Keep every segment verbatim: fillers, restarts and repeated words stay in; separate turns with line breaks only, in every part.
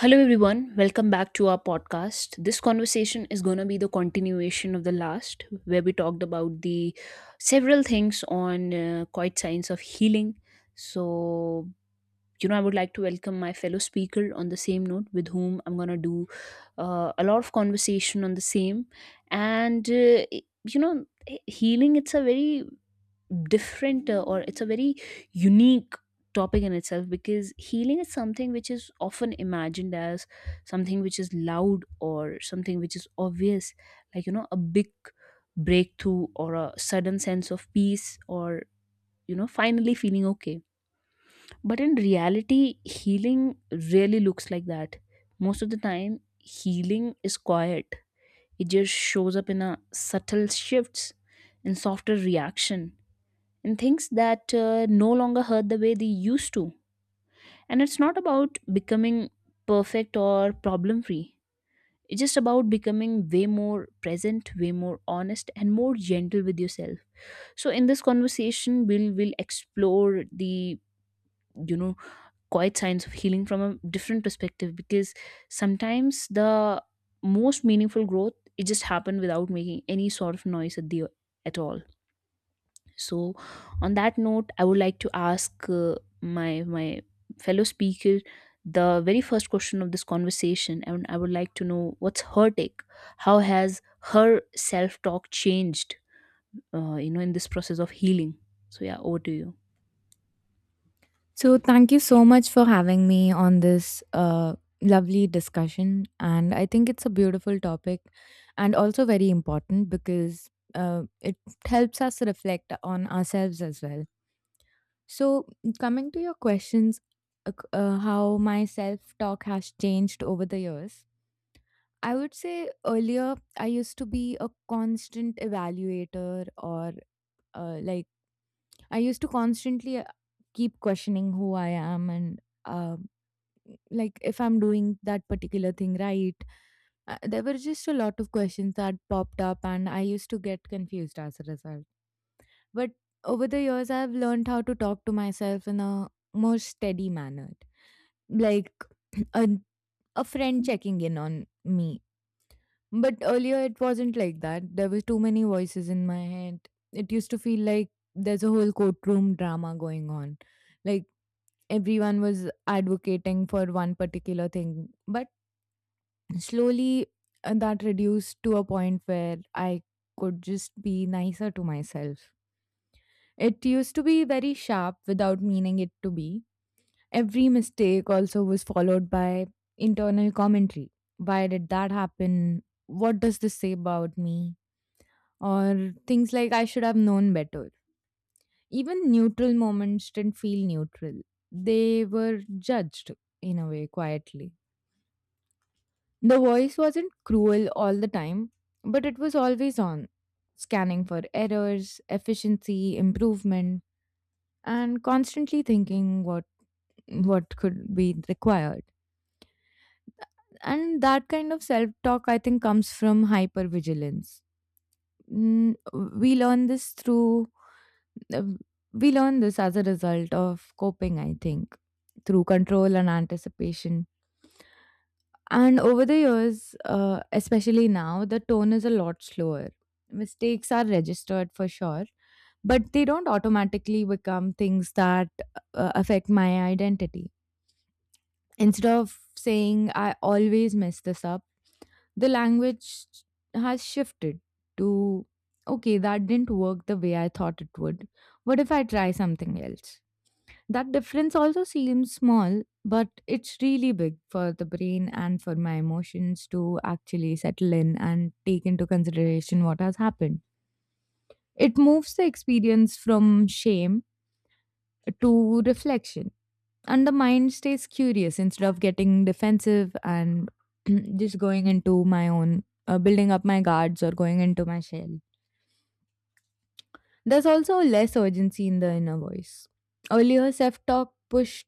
Hello, everyone. Welcome back to our podcast. This conversation is going to be the continuation of the last, where we talked about the several things on uh, quite science of healing. So, you know, I would like to welcome my fellow speaker on the same note, with whom I'm going to do uh, a lot of conversation on the same. And, uh, you know, healing, it's a very different uh, or it's a very unique topic in itself, because healing is something which is often imagined as something which is loud or something which is obvious, like you know a big breakthrough or a sudden sense of peace or you know finally feeling okay. But in reality, healing really looks like that. Most of the time healing is quiet. It just shows up in a subtle shifts, in softer reaction, and things that uh, no longer hurt the way they used to. And it's not about becoming perfect or problem free. It's just about becoming way more present, way more honest, and more gentle with yourself. So in this conversation, we'll we'll explore the you know quiet signs of healing from a different perspective, because sometimes the most meaningful growth, it just happened without making any sort of noise at the at all. So, on that note, I would like to ask, uh, my my fellow speaker, the very first question of this conversation, and I would like to know what's her take. How has her self talk changed? Uh, you know, in this process of healing. So yeah, over to you.
So, thank you so much for having me on this uh, lovely discussion. And I think it's a beautiful topic and also very important because uh, it helps us reflect on ourselves as well. So, coming to your questions, uh, c- uh, how my self talk has changed over the years. I would say earlier I used to be a constant evaluator, or uh, like I used to constantly uh, keep questioning who I am, and uh, like if I'm doing that particular thing right. Uh, there were just a lot of questions that popped up, and I used to get confused as a result. But over the years, I've learned how to talk to myself in a more steady manner, like a, a friend checking in on me. But earlier it wasn't like that. There were too many voices in my head. It used to feel like there's a whole courtroom drama going on, like everyone was advocating for one particular thing. But slowly, uh, that reduced to a point where I could just be nicer to myself. It used to be very sharp without meaning it to be. Every mistake also was followed by internal commentary. Why did that happen? What does this say about me? Or things like I should have known better. Even neutral moments didn't feel neutral. They were judged in a way quietly. The voice wasn't cruel all the time, but it was always on, scanning for errors, efficiency, improvement, and constantly thinking what what could be required. And that kind of self-talk I think comes from hypervigilance. Mm, we learn this through uh, we learn this as a result of coping, I think, through control and anticipation. And over the years, uh, especially now, the tone is a lot slower. Mistakes are registered for sure, but they don't automatically become things that uh, affect my identity. Instead of saying, I always mess this up, the language has shifted to, okay, that didn't work the way I thought it would. What if I try something else? That difference also seems small, but it's really big for the brain and for my emotions to actually settle in and take into consideration what has happened. It moves the experience from shame to reflection, and the mind stays curious instead of getting defensive and just going into my own, uh, building up my guards or going into my shell. There's also less urgency in the inner voice. Earlier, self talk pushed,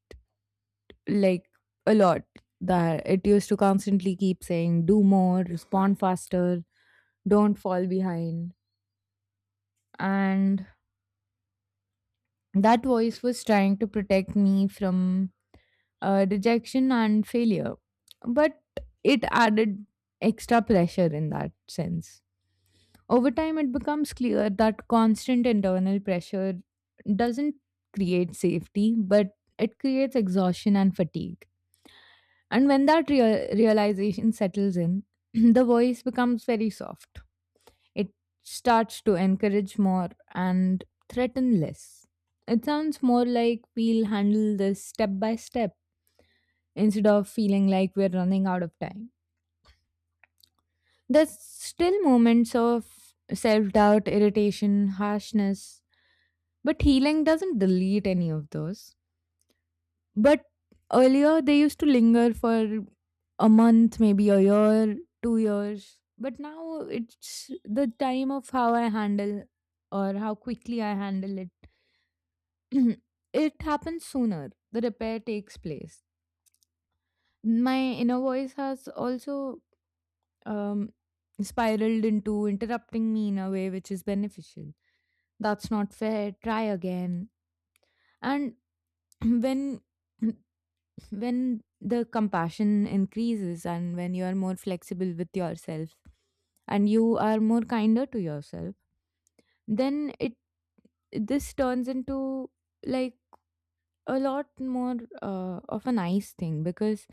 like, a lot. That it used to constantly keep saying, do more, respond faster, don't fall behind. And that voice was trying to protect me from uh, rejection and failure. But it added extra pressure in that sense. Over time, it becomes clear that constant internal pressure doesn't create safety, but it creates exhaustion and fatigue. And when that rea- realization settles in, the voice becomes very soft. It starts to encourage more and threaten less. It sounds more like we'll handle this step by step instead of feeling like we're running out of time. There's still moments of self doubt, irritation, harshness, but healing doesn't delete any of those. But earlier they used to linger for a month, maybe a year, two years. But now it's the time of how I handle or how quickly I handle it. It happens sooner. The repair takes place. My inner voice has also um, spiraled into interrupting me in a way which is beneficial. That's not fair. Try again. And when when the compassion increases, and when you are more flexible with yourself and you are more kinder to yourself, then it, this turns into, like, a lot more uh, of a nice thing, because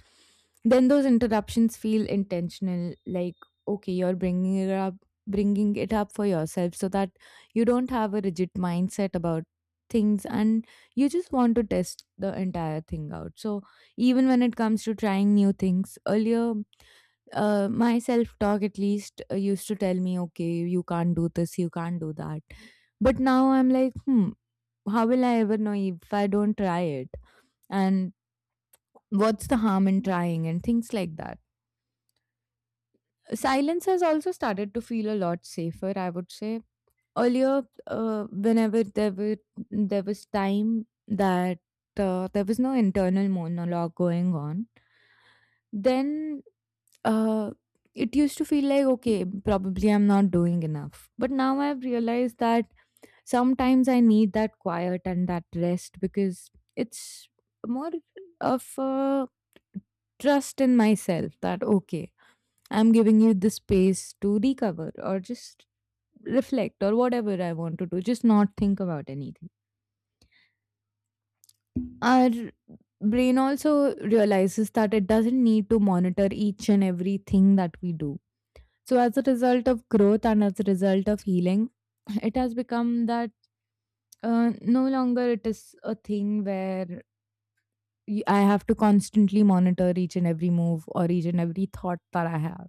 then those interruptions feel intentional, like, okay, you're bringing it up, bringing it up for yourself so that you don't have a rigid mindset about things, and you just want to test the entire thing out. So even when it comes to trying new things, earlier uh, my self talk at least uh, used to tell me, okay, you can't do this, you can't do that. But now I'm like, hmm, how will I ever know if I don't try it? And what's the harm in trying and things like that. Silence has also started to feel a lot safer, I would say. Earlier, uh, whenever there were there was time that uh, there was no internal monologue going on, then uh, it used to feel like, okay, probably I'm not doing enough. But now I've realized that sometimes I need that quiet and that rest, because it's more of a trust in myself that, okay, I'm giving you the space to recover or just reflect or whatever I want to do, just not think about anything. Our brain also realizes that it doesn't need to monitor each and everything that we do. So, as a result of growth and as a result of healing, it has become that uh, no longer it is a thing where y- I have to constantly monitor each and every move or each and every thought that I have.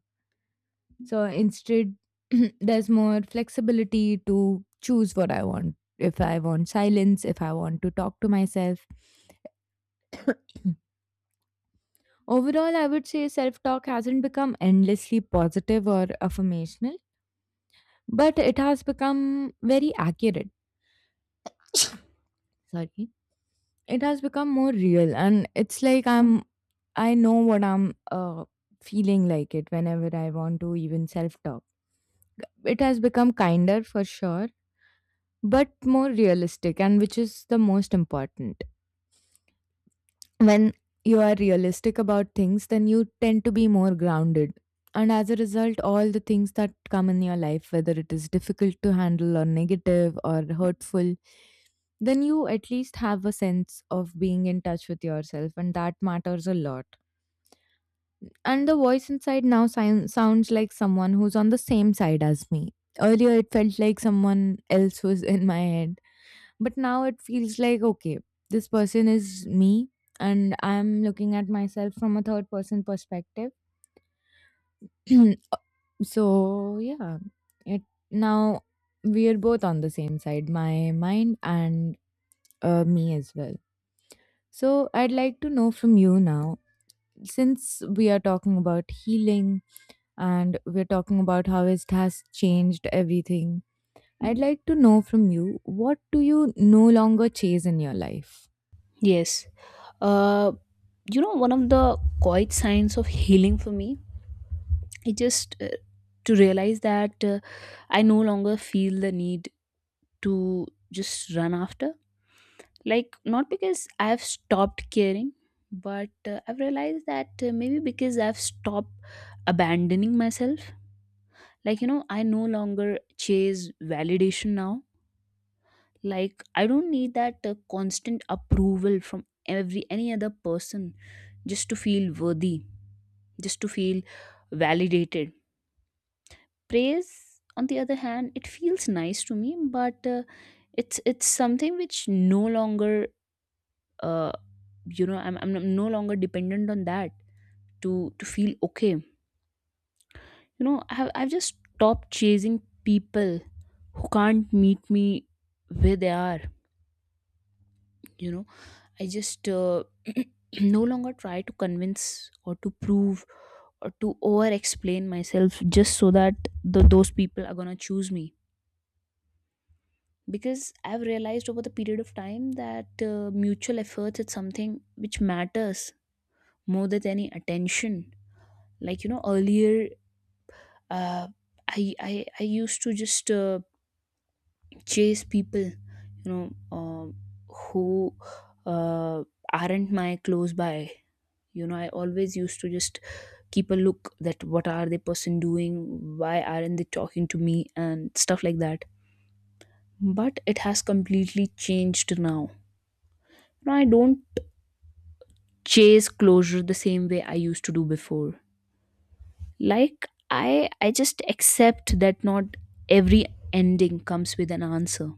So instead, there's more flexibility to choose what I want. If I want silence, if I want to talk to myself. Overall, I would say self talk hasn't become endlessly positive or affirmational, but it has become very accurate. Sorry. It has become more real, and it's like I'm, I know what I'm uh, feeling like it whenever I want to even self talk. It has become kinder for sure, but more realistic, and which is the most important. When you are realistic about things, then you tend to be more grounded. And as a result, all the things that come in your life, whether it is difficult to handle or negative or hurtful, then you at least have a sense of being in touch with yourself, and that matters a lot. And the voice inside now sound, sounds like someone who's on the same side as me. Earlier, it felt like someone else was in my head. But now it feels like, okay, this person is me and I'm looking at myself from a third person perspective. So, yeah, it now we are both on the same side, my mind and uh, me as well. So, I'd like to know from you now, since we are talking about healing and we're talking about how it has changed everything, I'd like to know from you, what do you no longer chase in your life?
Yes. Uh, you know, one of the quiet signs of healing for me, it just uh, to realize that uh, I no longer feel the need to just run after, like, not because I have stopped caring, but uh, I've realized that uh, maybe because I've stopped abandoning myself. Like, you know, I no longer chase validation now. Like, I don't need that uh, constant approval from every any other person just to feel worthy, just to feel validated. Praise, on the other hand, it feels nice to me, but uh, it's it's something which no longer uh, you know, i'm, I'm no no longer dependent on that to to feel okay. You know, I have, I've just stopped chasing people who can't meet me where they are. You know, I just uh, no longer try to convince or to prove or to over explain myself, just so that the, those people are gonna choose me. Because I've realized over the period of time that uh, mutual efforts is something which matters more than any attention. Like, you know, earlier uh, I, I I used to just uh, chase people, you know, um who uh, aren't my close by. You know, I always used to just keep a look that what are the person doing, why aren't they talking to me, and stuff like that. But it has completely changed now. Now I don't chase closure the same way I used to do before. Like, I I just accept that not every ending comes with an answer,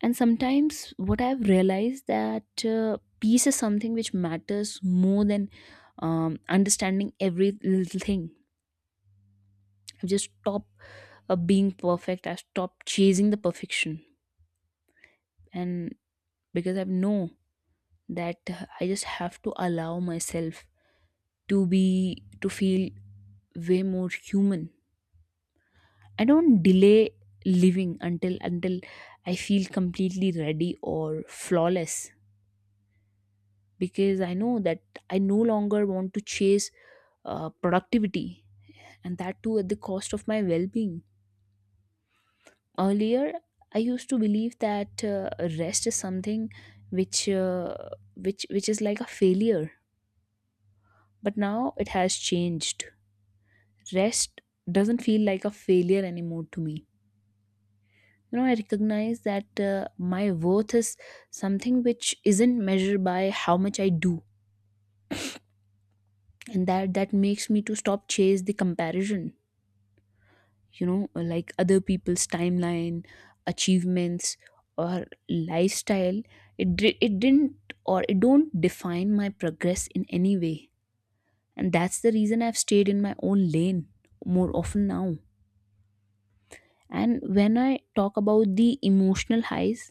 and sometimes what I've realized that uh, peace is something which matters more than um, understanding every little thing. I've just stopped uh, being perfect, I've stopped chasing the perfection. And because I know that uh, I just have to allow myself to be, to feel way more human. I don't delay living until until I feel completely ready or flawless, because I know that I no longer want to chase uh, productivity, and that too at the cost of my well being. Earlier, I used to believe that uh, rest is something which, uh, which, which is like a failure, but now it has changed. Rest doesn't feel like a failure anymore to me. You know, I recognize that uh, my worth is something which isn't measured by how much I do, and that that makes me to stop chase the comparison. You know, uh, like other people's timeline, achievements, or lifestyle, it di- it didn't, or it don't, define my progress in any way. And that's the reason I've stayed in my own lane more often now. And when I talk about the emotional highs,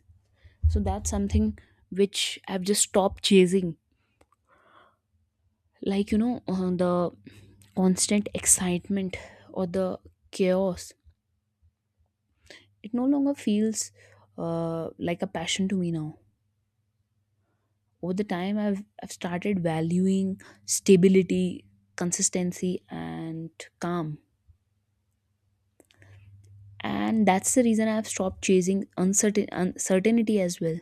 so that's something which I've just stopped chasing. Like, you know, uh, the constant excitement or the chaos, it no longer feels uh, like a passion to me now. Over the time, I've I've started valuing stability, consistency and calm. And that's the reason I've stopped chasing uncertain uncertainty as well.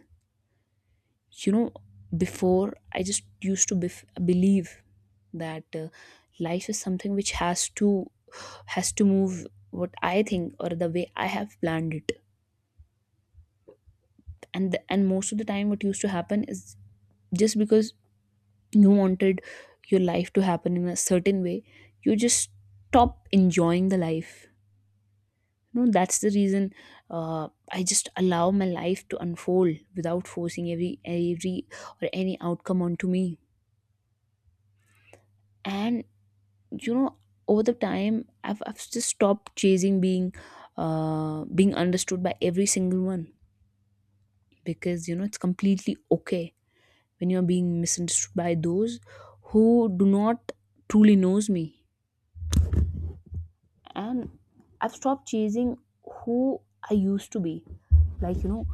You know, before I just used to bef- believe that uh, life is something which has to has to move what I think or the way I have planned it. And the, and most of the time what used to happen is, just because you wanted your life to happen in a certain way, you just stop enjoying the life. No, that's the reason uh, I just allow my life to unfold without forcing every every or any outcome onto me. And you know, over the time i've, I've just stopped chasing being uh, being understood by every single one, because you know it's completely okay when you're being misunderstood by those who do not truly knows me. And I've stopped chasing who I used to be. Like, you know,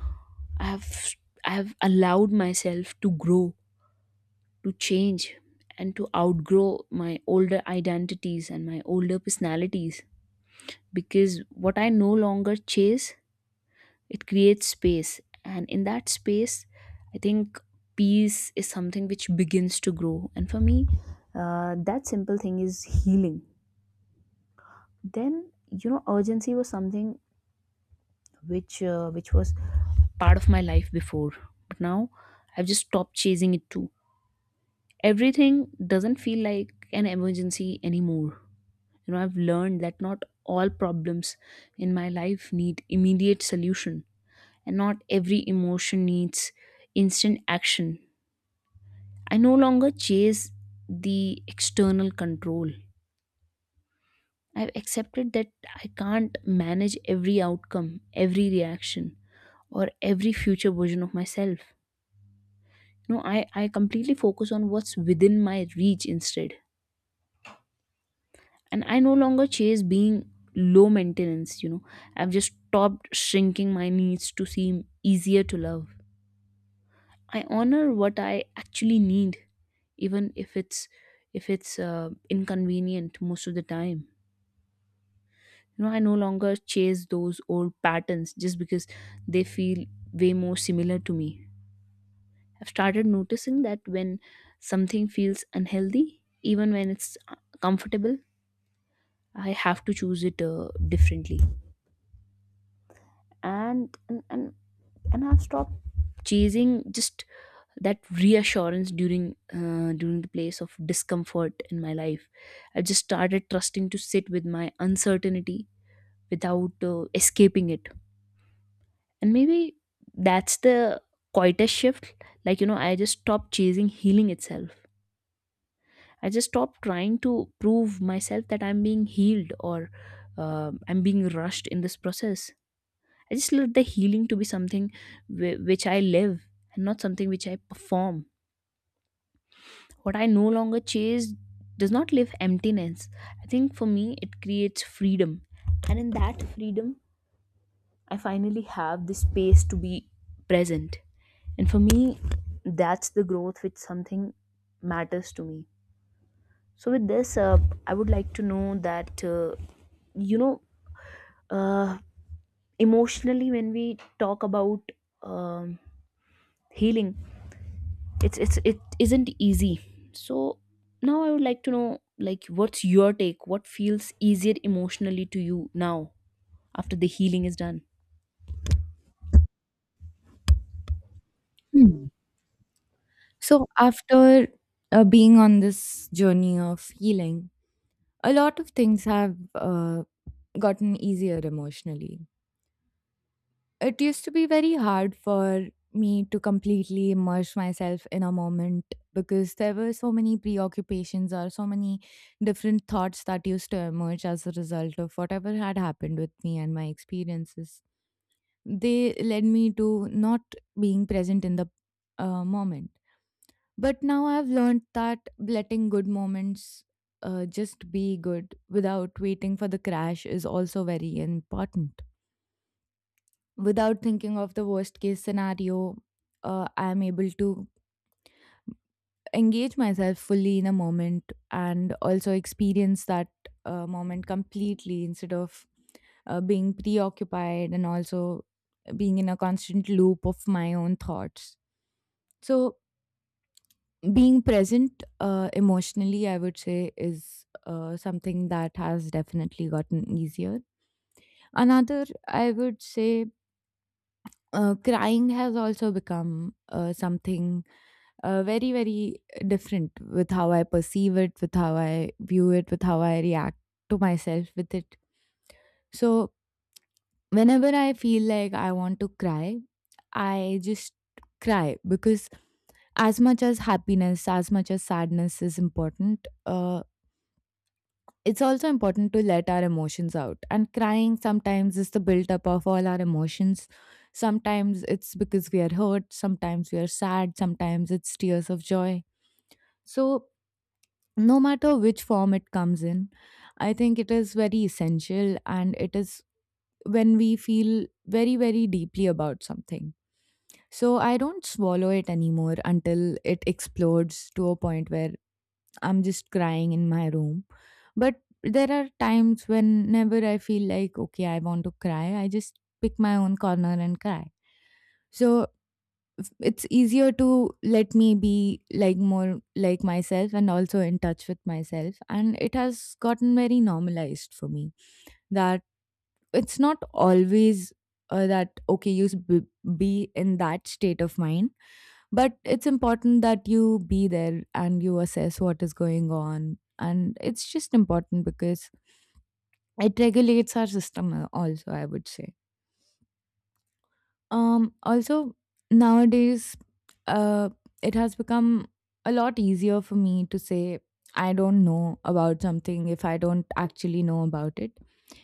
i have I have allowed myself to grow, to change, and to outgrow my older identities and my older personalities. Because what I no longer chase, it creates space, and in that space, I think peace is something which begins to grow. And for me, uh, that simple thing is healing. Then you know, urgency was something which uh, which was part of my life before, but now I've just stopped chasing it too. Everything doesn't feel like an emergency anymore. You know, I've learned that not all problems in my life need immediate solution, and not every emotion needs instant action. I no longer chase the external control. I've accepted that I can't manage every outcome, every reaction, or every future version of myself. No, i i completely focus on what's within my reach instead. And I no longer chase being low maintenance. You know, I've just stopped shrinking my needs to seem easier to love. I honor what I actually need, even if it's if it's uh, inconvenient most of the time. You know, I no longer chase those old patterns just because they feel way more similar to me. I've started noticing that when something feels unhealthy, even when it's uh, comfortable, I have to choose it uh, differently. and and and, and I've stopped chasing just that reassurance during uh, during the place of discomfort in my life. I just started trusting to sit with my uncertainty without uh, escaping it. And maybe that's the quietest shift. Like, you know, I just stopped chasing healing itself. I just stopped trying to prove myself that I'm being healed, or uh, I'm being rushed in this process. I just let the healing to be something whi- which I live and not something which I perform. What I no longer chase does not live emptiness. I think for me, it creates freedom. And in that freedom, I finally have the space to be present. And for me, that's the growth which something matters to me. So, with this, uh, I would like to know that, uh, you know, uh, emotionally, when we talk about um, healing, it's it's it isn't easy. So now I would like to know, like, what's your take? What feels easier emotionally to you now after the healing is done?
Hmm. So, after uh, being on this journey of healing, a lot of things have uh, gotten easier emotionally. It used to be very hard for me to completely immerse myself in a moment because there were so many preoccupations or so many different thoughts that used to emerge as a result of whatever had happened with me and my experiences. They led me to not being present in the uh, moment. But now I've learned that letting good moments uh, just be good without waiting for the crash is also very important. Without thinking of the worst case scenario, uh, I'm able to engage myself fully in a moment and also experience that uh, moment completely, instead of uh, being preoccupied and also being in a constant loop of my own thoughts. So being present uh, emotionally, I would say, is uh, something that has definitely gotten easier. Another, I would say, uh, crying has also become uh, something uh, very, very different with how I perceive it, with how I view it, with how I react to myself with it. So, whenever I feel like I want to cry, I just cry, because as much as happiness, as much as sadness is important, uh, it's also important to let our emotions out. And crying sometimes is the buildup of all our emotions. Sometimes it's because we are hurt, sometimes we are sad, sometimes it's tears of joy. So, no matter which form it comes in, I think it is very essential, and it is when we feel very, very deeply about something. So I don't swallow it anymore until it explodes to a point where I'm just crying in my room. But there are times whenever I feel like, okay, I want to cry, I just pick my own corner and cry. So f- it's easier to let me be like more like myself and also in touch with myself. And it has gotten very normalized for me that it's not always uh, that, okay, you s- b- be in that state of mind, but it's important that you be there and you assess what is going on. And it's just important because it regulates our system uh, also, I would say. Um, also, Nowadays, uh, it has become a lot easier for me to say, I don't know about something if I don't actually know about it,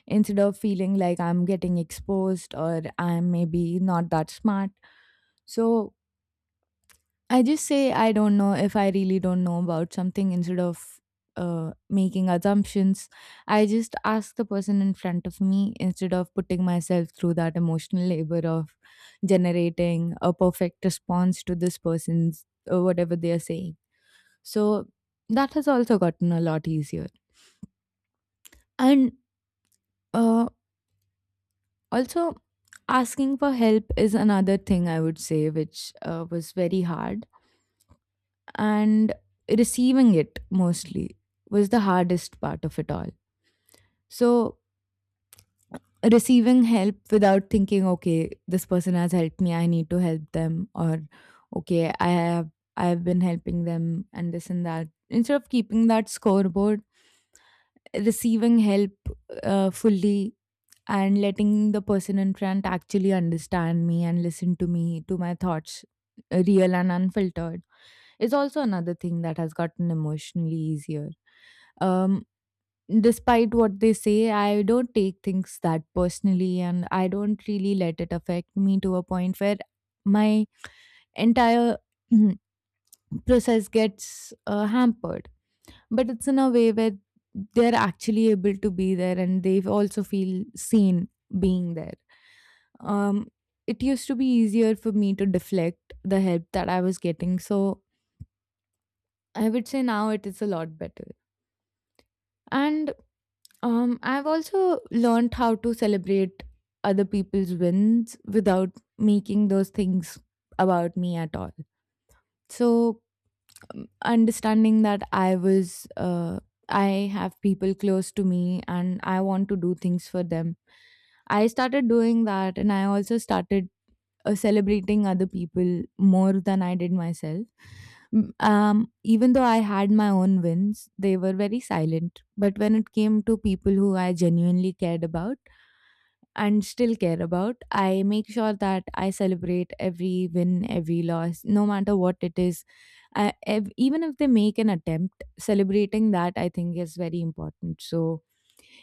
instead of feeling like I'm getting exposed or I'm maybe not that smart. So I just say I don't know if I really don't know about something instead of uh, making assumptions. I just ask the person in front of me instead of putting myself through that emotional labor of generating a perfect response to this person's uh, whatever they are saying. So that has also gotten a lot easier. And uh, also, asking for help is another thing I would say, which uh, was very hard and receiving it mostly was the hardest part of it all. So, receiving help without thinking, okay, this person has helped me, I need to help them, or okay, I have I have been helping them and this and that. Instead of keeping that scoreboard, receiving help uh, fully and letting the person in front actually understand me and listen to me, to my thoughts, uh, real and unfiltered, is also another thing that has gotten emotionally easier. Um, Despite what they say, I don't take things that personally and I don't really let it affect me to a point where my entire process gets uh, hampered. But it's in a way where they're actually able to be there and they also feel seen being there. Um, it used to be easier for me to deflect the help that I was getting. So I would say now it is a lot better. And um, I've also learned how to celebrate other people's wins without making those things about me at all. So, um, understanding that I was, uh, I have people close to me and I want to do things for them. I started doing that and I also started uh, celebrating other people more than I did myself. M- Um, Even though I had my own wins, they were very silent. But when it came to people who I genuinely cared about and still care about, I make sure that I celebrate every win, every loss, no matter what it is. I, ev- even if they make an attempt, celebrating that I think is very important. So,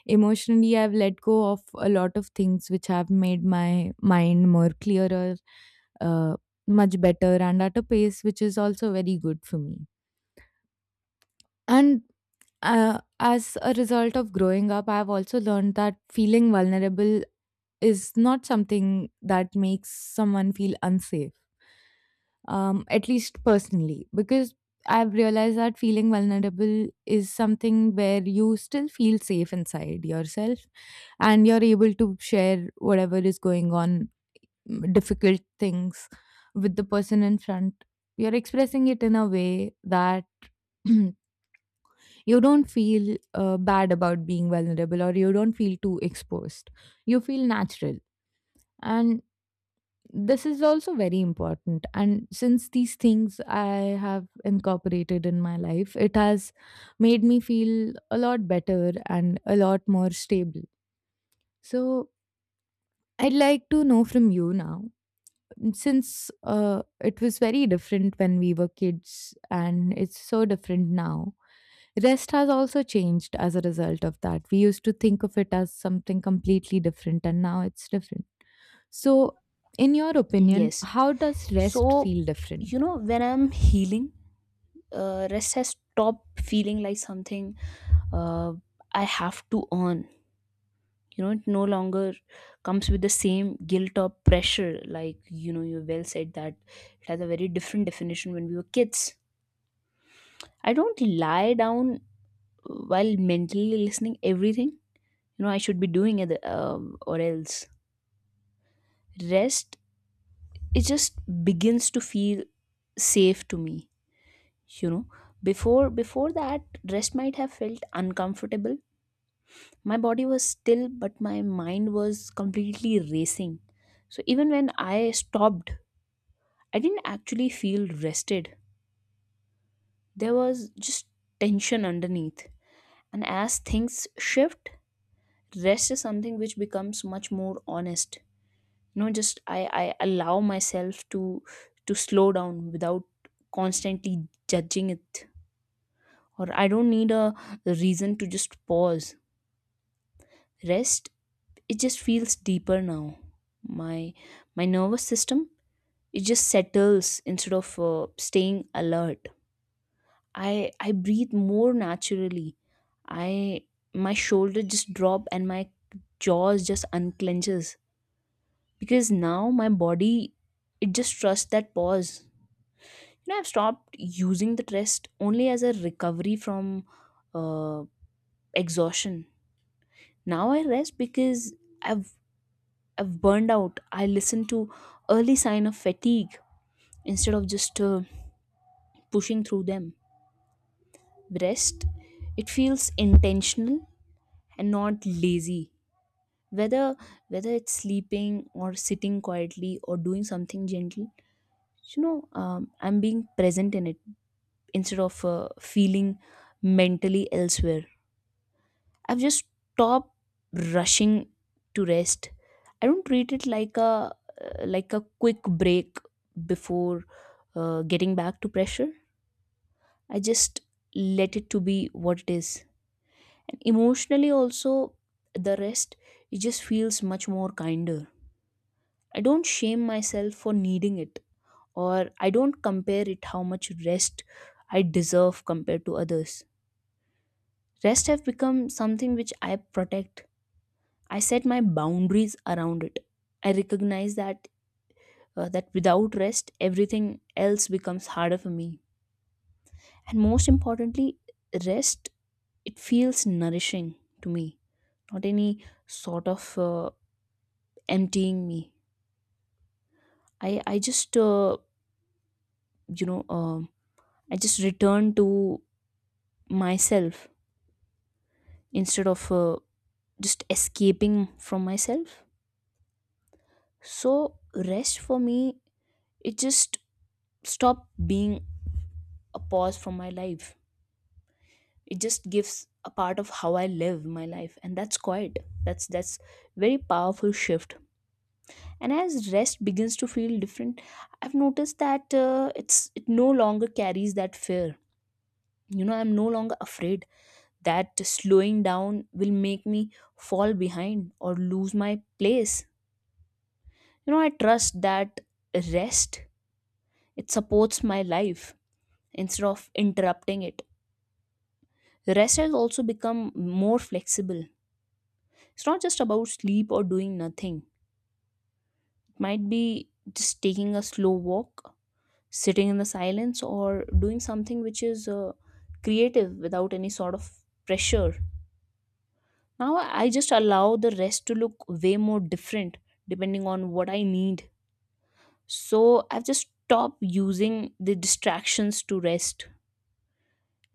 emotionally, I've let go of a lot of things which have made my mind more clearer, uh, much better, and at a pace which is also very good for me. And uh, as a result of growing up, I've also learned that feeling vulnerable is not something that makes someone feel unsafe, um, at least personally, because I've realized that feeling vulnerable is something where you still feel safe inside yourself and you're able to share whatever is going on, mm, difficult things with the person in front. You're expressing it in a way that you don't feel uh, bad about being vulnerable or you don't feel too exposed. You feel natural. And this is also very important, and since these things I have incorporated in my life, it has made me feel a lot better and a lot more stable. So I'd like to know from you now, since uh, it was very different when we were kids and it's so different now. Rest has also changed as a result of that. We used to think of it as something completely different, and now it's different. So, in your opinion,
Yes.
how does rest
So,
feel
you
different?
know, when I'm healing, uh, rest has stopped feeling like something uh, I have to earn. You know, it no longer comes with the same guilt or pressure. Like, you know, you well said that it has a very different definition when we were kids. I don't lie down while mentally listening everything, you know, I should be doing it, um, or else. Rest, it just begins to feel safe to me. You know, before before that, rest might have felt uncomfortable. My body was still, but my mind was completely racing. So even when I stopped, I didn't actually feel rested. There was just tension underneath. And as things shift, rest is something which becomes much more honest. You know, just i i allow myself to to slow down without constantly judging it. Or I don't need a reason to just pause. Rest, it just feels deeper now. My my nervous system, it just settles instead of uh, staying alert. i I breathe more naturally. I My shoulder just drop, and my jaws just unclenches, because now my body, it just trusts that pause. You know, I've stopped using the rest only as a recovery from uh, exhaustion. Now I rest because i've I've burned out. I listen to early sign of fatigue instead of just uh, pushing through them. Rest, it feels intentional and not lazy. whether Whether it's sleeping or sitting quietly or doing something gentle. You know, um, I'm being present in it instead of uh, feeling mentally elsewhere. I've just stopped rushing to rest. I don't treat it like a uh, like a quick break before uh, getting back to pressure. I just let it to be what it is. And emotionally also, the rest, it just feels much more kinder. I don't shame myself for needing it, or I don't compare it how much rest I deserve compared to others. Rest have become something which I protect. I set my boundaries around it. I recognize that uh, that without rest, everything else becomes harder for me. And most importantly, rest, it feels nourishing to me, not any sort of uh, emptying me. I I just uh, you know, um I just return to myself instead of uh, just escaping from myself. So rest for me, it just stopped being a pause from my life. It just gives a part of how I live my life, and that's quite, that's that's very powerful shift. And as rest begins to feel different, I've noticed that uh, it's it no longer carries that fear. You know, I'm no longer afraid that slowing down will make me fall behind or lose my place. You know, I trust that rest, it supports my life instead of interrupting it. Rest has also become more flexible. It's not just about sleep or doing nothing. Might be just taking a slow walk, sitting in the silence, or doing something which is uh, creative without any sort of pressure. Now I just allow the rest to look way more different depending on what I need. So I've just stopped using the distractions to rest.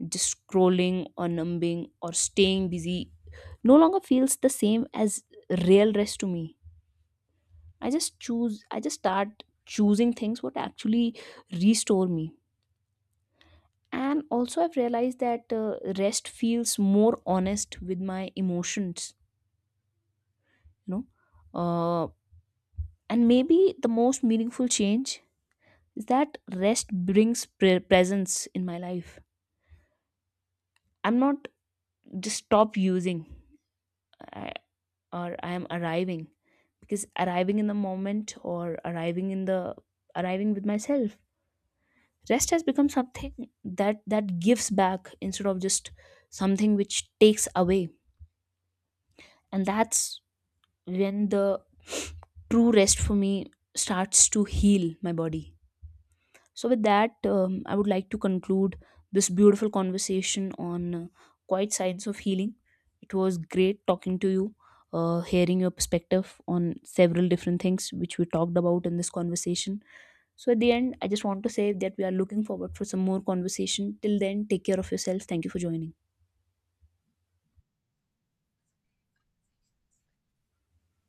Just scrolling or numbing or staying busy no longer feels the same as real rest to me. I just choose, I just start choosing things what actually restore me. And also, I've realized that uh, rest feels more honest with my emotions, you know. Uh, and maybe the most meaningful change is that rest brings pre- presence in my life. I'm not just stop using I, or I am arriving, because arriving in the moment, or arriving in the arriving with myself. Rest has become something that that gives back instead of just something which takes away. And that's when the true rest for me starts to heal my body. So, with that, um, I would like to conclude this beautiful conversation on uh, quiet signs of healing. It was great talking to you, uh, hearing your perspective on several different things which we talked about in this conversation. So, at the end, I just want to say that we are looking forward for some more conversation. Till then, take care of yourself. Thank you for joining.